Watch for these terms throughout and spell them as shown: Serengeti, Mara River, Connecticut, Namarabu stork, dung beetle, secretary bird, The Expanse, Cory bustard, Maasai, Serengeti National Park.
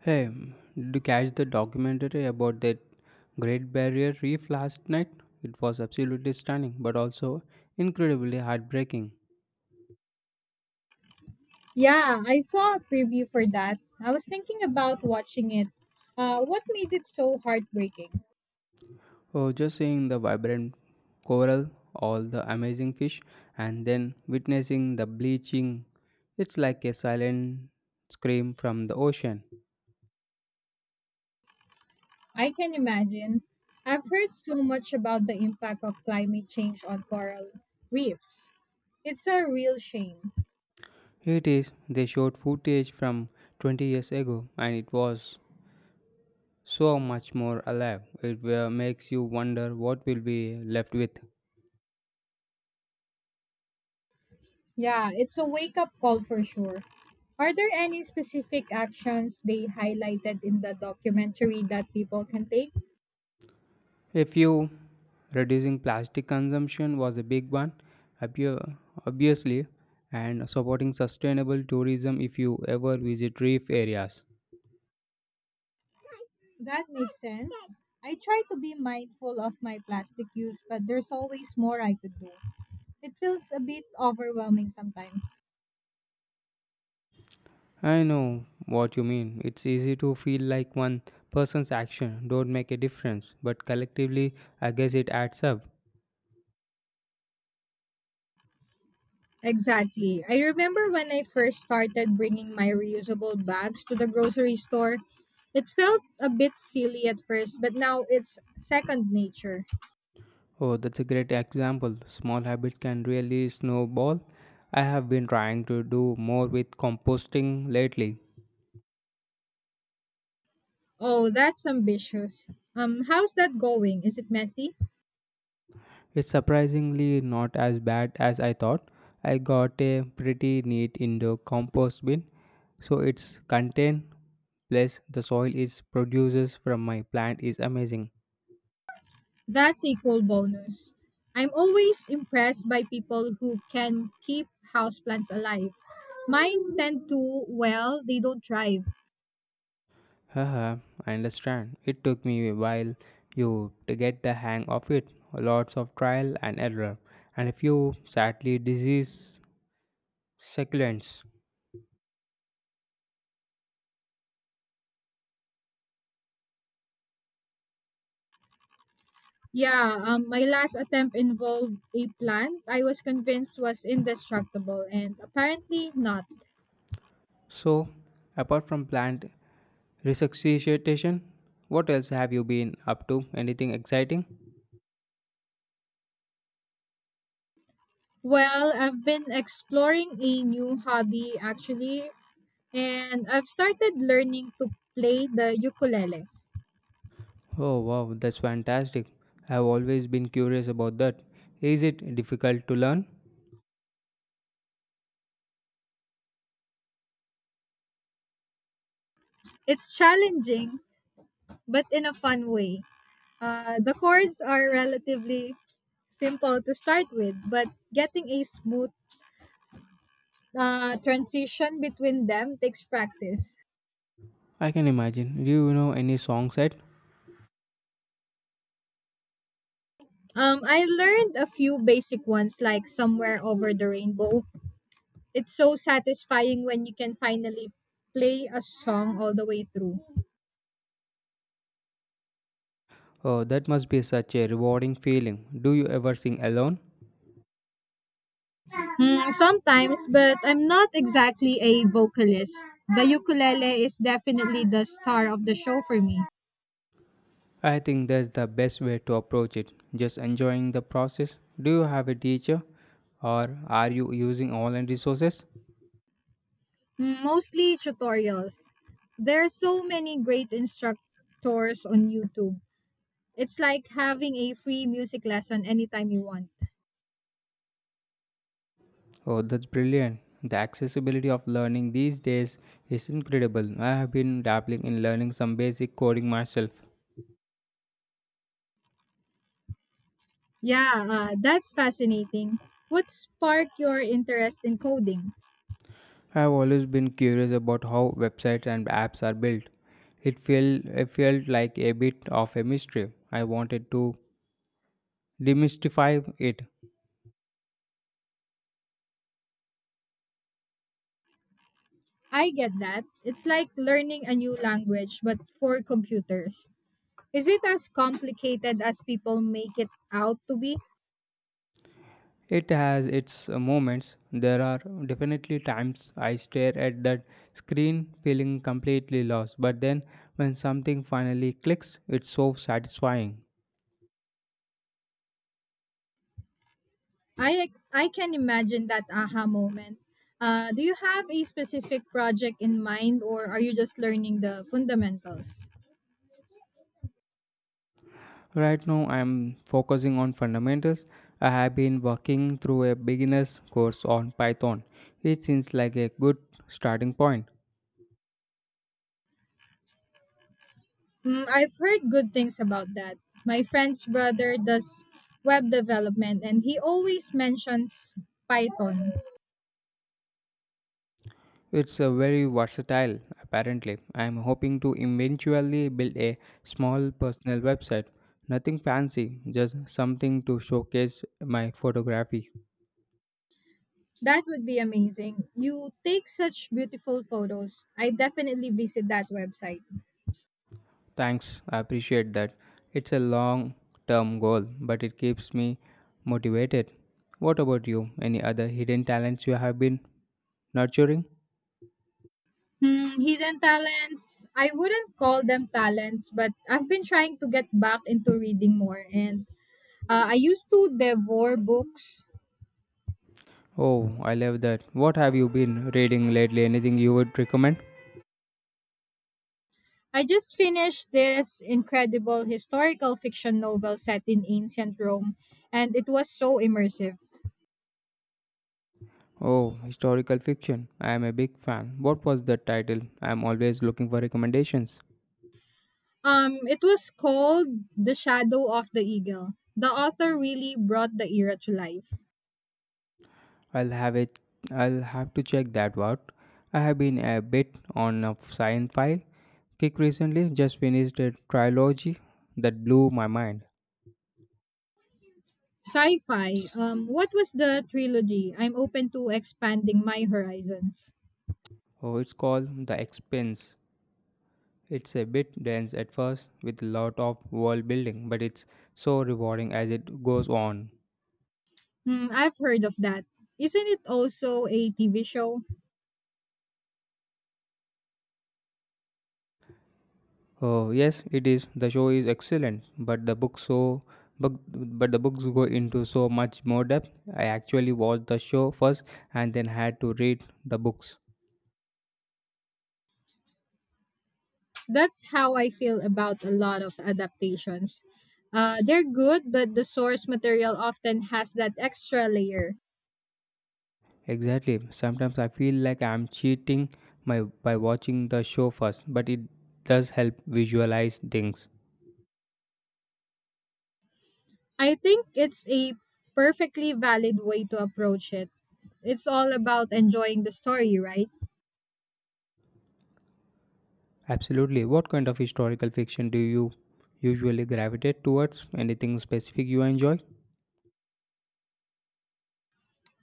Hey, did you catch the documentary about that Great Barrier Reef last night? It was absolutely stunning, but also incredibly heartbreaking. Yeah, I saw a preview for that. I was thinking about watching it. What made it so heartbreaking? Oh, just seeing the vibrant coral, all the amazing fish, and then witnessing the bleaching. It's like a silent scream from the ocean. I can imagine. I've heard so much about the impact of climate change on coral reefs. It's a real shame. It is, they showed footage from 20 years ago, and it was so much more alive. It makes you wonder what will be left with. Yeah, it's a wake up call for sure. Are there any specific actions they highlighted in the documentary that people can take? If you reducing plastic consumption was a big one, obvi- obviously, and supporting sustainable tourism if you ever visit reef areas. That makes sense. I try to be mindful of my plastic use, but there's always more I could do. It feels a bit overwhelming sometimes. I know what you mean. It's easy to feel like one person's action don't make a difference, but collectively, I guess it adds up. Exactly. I remember when I first started bringing my reusable bags to the grocery store. It felt a bit silly at first, but now it's second nature. Oh, that's a great example. Small habits can really snowball. I have been trying to do more with composting lately. Oh, that's ambitious. How's that going? Is it messy? It's surprisingly not as bad as I thought. I got a pretty neat indoor compost bin, so its content plus the soil it produces from my plant is amazing. That's a cool bonus. I'm always impressed by people who can keep houseplants alive. Mine tend to, well, they don't thrive. Haha, I understand. It took me a while you to get the hang of it. Lots of trial and error, and a few sadly disease succulents. Yeah, my last attempt involved a plant I was convinced was indestructible, and apparently not. So, apart from plant resuscitation, what else have you been up to? Anything exciting? Well, I've been exploring a new hobby actually, and I've started learning to play the ukulele. Oh wow, that's fantastic. I've always been curious about that. Is it difficult to learn? It's challenging, but in a fun way. The chords are relatively simple to start with, but getting a smooth transition between them takes practice. I can imagine. Do you know any song set? I learned a few basic ones like Somewhere Over the Rainbow. It's so satisfying when you can finally play a song all the way through. Oh, that must be such a rewarding feeling. Do you ever sing alone? Sometimes, but I'm not exactly a vocalist. The ukulele is definitely the star of the show for me. I think that's the best way to approach it. Just enjoying the process. Do you have a teacher? Or are you using online resources? Mostly tutorials. There are so many great instructors on YouTube. It's like having a free music lesson anytime you want. Oh, that's brilliant. The accessibility of learning these days is incredible. I have been dabbling in learning some basic coding myself. Yeah, that's fascinating. What sparked your interest in coding? I've always been curious about how websites and apps are built. It felt like a bit of a mystery. I wanted to demystify it. I get that. It's like learning a new language, but for computers. Is it as complicated as people make it out to be? It has its moments. There are definitely times I stare at that screen feeling completely lost, but then when something finally clicks, it's so satisfying. I, I can imagine that aha moment. Do you have a specific project in mind, or are you just learning the fundamentals? Right now I'm focusing on fundamentals. I have been working through a beginner's course on Python. It seems like a good starting point. I've heard good things about that. My friend's brother does web development and he always mentions Python. It's a very versatile, apparently. I'm hoping to eventually build a small personal website. Nothing fancy, just something to showcase my photography. That would be amazing. You take such beautiful photos. I definitely visit that website. Thanks, I appreciate that. It's a long term goal, but it keeps me motivated. What about you? Any other hidden talents you have been nurturing? Hidden talents. I wouldn't call them talents, but I've been trying to get back into reading more and I used to devour books. Oh, I love that. What have you been reading lately? Anything you would recommend? I just finished this incredible historical fiction novel set in ancient Rome, and it was so immersive. Oh, historical fiction. I am a big fan. What was the title? I am always looking for recommendations. It was called The Shadow of the Eagle. The author really brought the era to life. I'll have it I'll have to check that out. I have been a bit on a sci-fi kick recently. Just finished a trilogy that blew my mind. Sci fi, what was the trilogy? I'm open to expanding my horizons. Oh, it's called The Expanse. It's a bit dense at first with a lot of world building, but it's so rewarding as it goes on. I've heard of that. Isn't it also a TV show? Oh yes, it is. The show is excellent, but the book but, but the books go into so much more depth. I actually watched the show first and then had to read the books. That's how I feel about a lot of adaptations. They're good, but the source material often has that extra layer. Exactly. Sometimes I feel like I'm cheating my by watching the show first, but it does help visualize things. I think it's a perfectly valid way to approach it. It's all about enjoying the story, right? Absolutely. What kind of historical fiction do you usually gravitate towards? Anything specific you enjoy?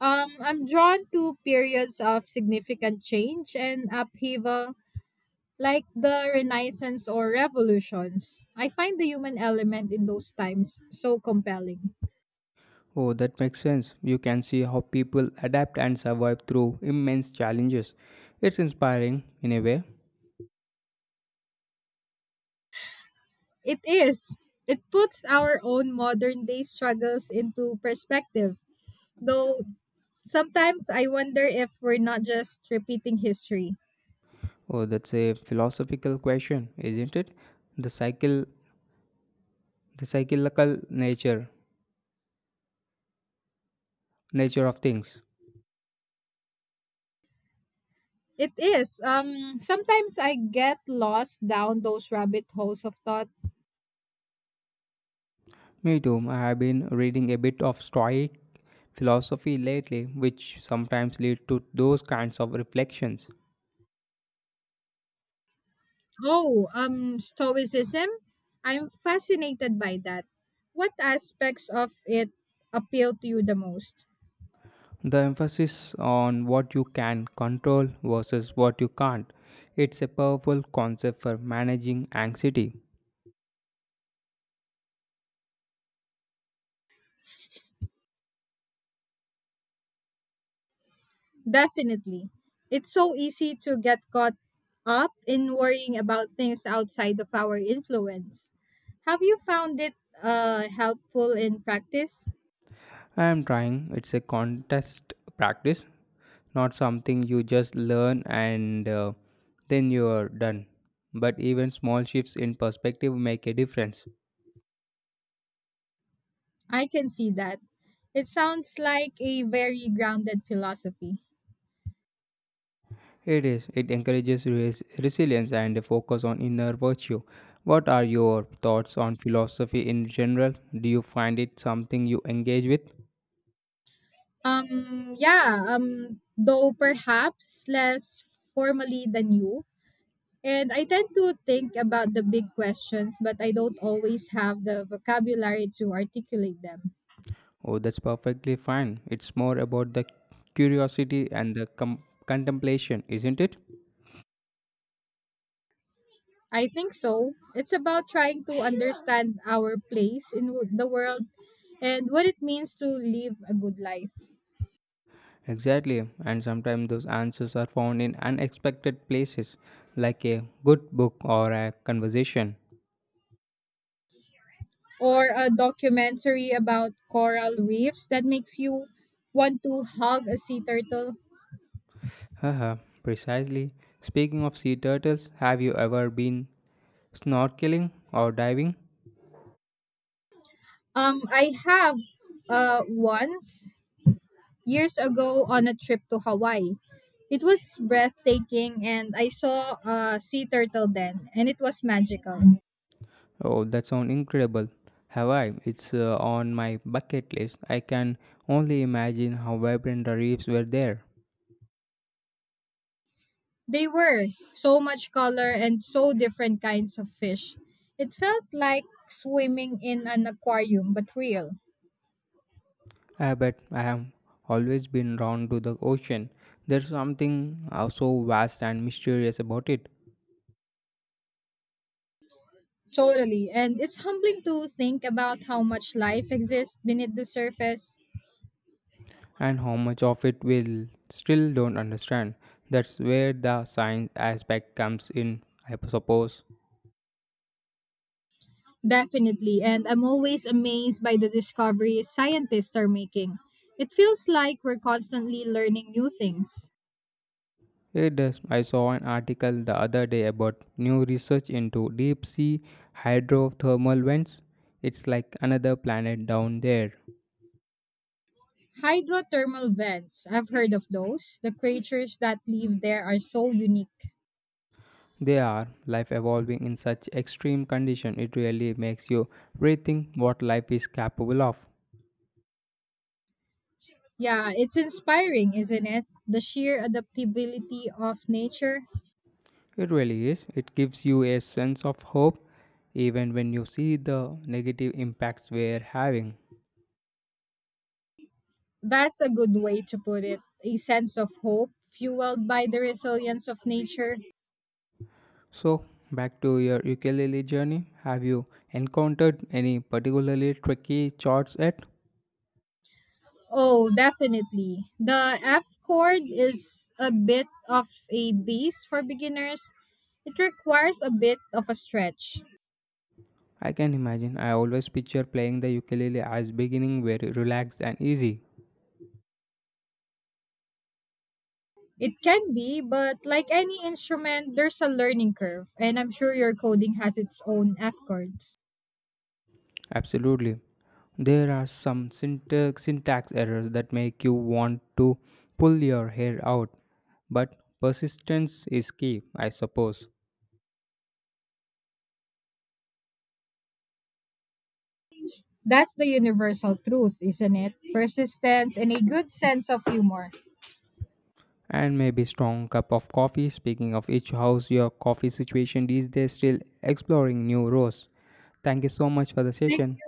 I'm drawn to periods of significant change and upheaval, like the Renaissance or revolutions. I find the human element in those times so compelling. Oh, that makes sense. You can see how people adapt and survive through immense challenges. It's inspiring in a way. It is. It puts our own modern day struggles into perspective. Though sometimes I wonder if we're not just repeating history. Oh, that's a philosophical question, isn't it? The cycle, the cyclical nature, of things. It is. Sometimes I get lost down those rabbit holes of thought. Me too. I have been reading a bit of Stoic philosophy lately, which sometimes lead to those kinds of reflections. Oh, stoicism? I'm fascinated by that. What aspects of it appeal to you the most? The emphasis on what you can control versus what you can't. It's a powerful concept for managing anxiety. Definitely. It's so easy to get caught up in worrying about things outside of our influence. Have you found it helpful in practice? I am trying. It's a contest practice, not something you just learn and then you're done. But even small shifts in perspective make a difference. I can see that. It sounds like a very grounded philosophy. It is. It encourages resilience and a focus on inner virtue. What are your thoughts on philosophy in general? Do you find it something you engage with? Yeah, though perhaps less formally than you. And I tend to think about the big questions, but I don't always have the vocabulary to articulate them. Oh, that's perfectly fine. It's more about the curiosity and the contemplation, isn't it? I think so. It's about trying to understand our place in the world and what it means to live a good life. Exactly, and sometimes those answers are found in unexpected places, like a good book or a conversation. Or a documentary about coral reefs that makes you want to hug a sea turtle. Haha, precisely. Speaking of sea turtles, have you ever been snorkeling or diving? I have once years ago on a trip to Hawaii. It was breathtaking, and I saw a sea turtle then, and it was magical. Oh, that sounds incredible. Have I? It's on my bucket list. I can only imagine how vibrant the reefs were there. They were so much color and so different kinds of fish. It felt like swimming in an aquarium, but real. I bet I have always been drawn to the ocean. There's something so vast and mysterious about it. Totally. And it's humbling to think about how much life exists beneath the surface. And how much of it will still don't understand. That's where the science aspect comes in, I suppose. Definitely. And I'm always amazed by the discoveries scientists are making. It feels like we're constantly learning new things. It does. I saw an article the other day about new research into deep sea hydrothermal vents. It's like another planet down there. Hydrothermal vents, I've heard of those. The creatures that live there are so unique. They are life evolving in such extreme condition. It really makes you rethink what life is capable of. Yeah, it's inspiring, isn't it? The sheer adaptability of nature. It really is. It gives you a sense of hope even when you see the negative impacts we're having. That's a good way to put it. A sense of hope fueled by the resilience of nature. So, back to your ukulele journey. Have you encountered any particularly tricky chords yet? Oh, definitely. The F chord is a bit of a beast for beginners. It requires a bit of a stretch. I can imagine. I always picture playing the ukulele as beginning very relaxed and easy. It can be, but like any instrument, there's a learning curve, and I'm sure your coding has its own F chords. Absolutely. There are some syntax errors that make you want to pull your hair out, but persistence is key, I suppose. That's the universal truth, isn't it? Persistence and a good sense of humor. And maybe strong cup of coffee. Speaking of each, how's your coffee situation these days? Still exploring new roasts. Thank you so much for the session.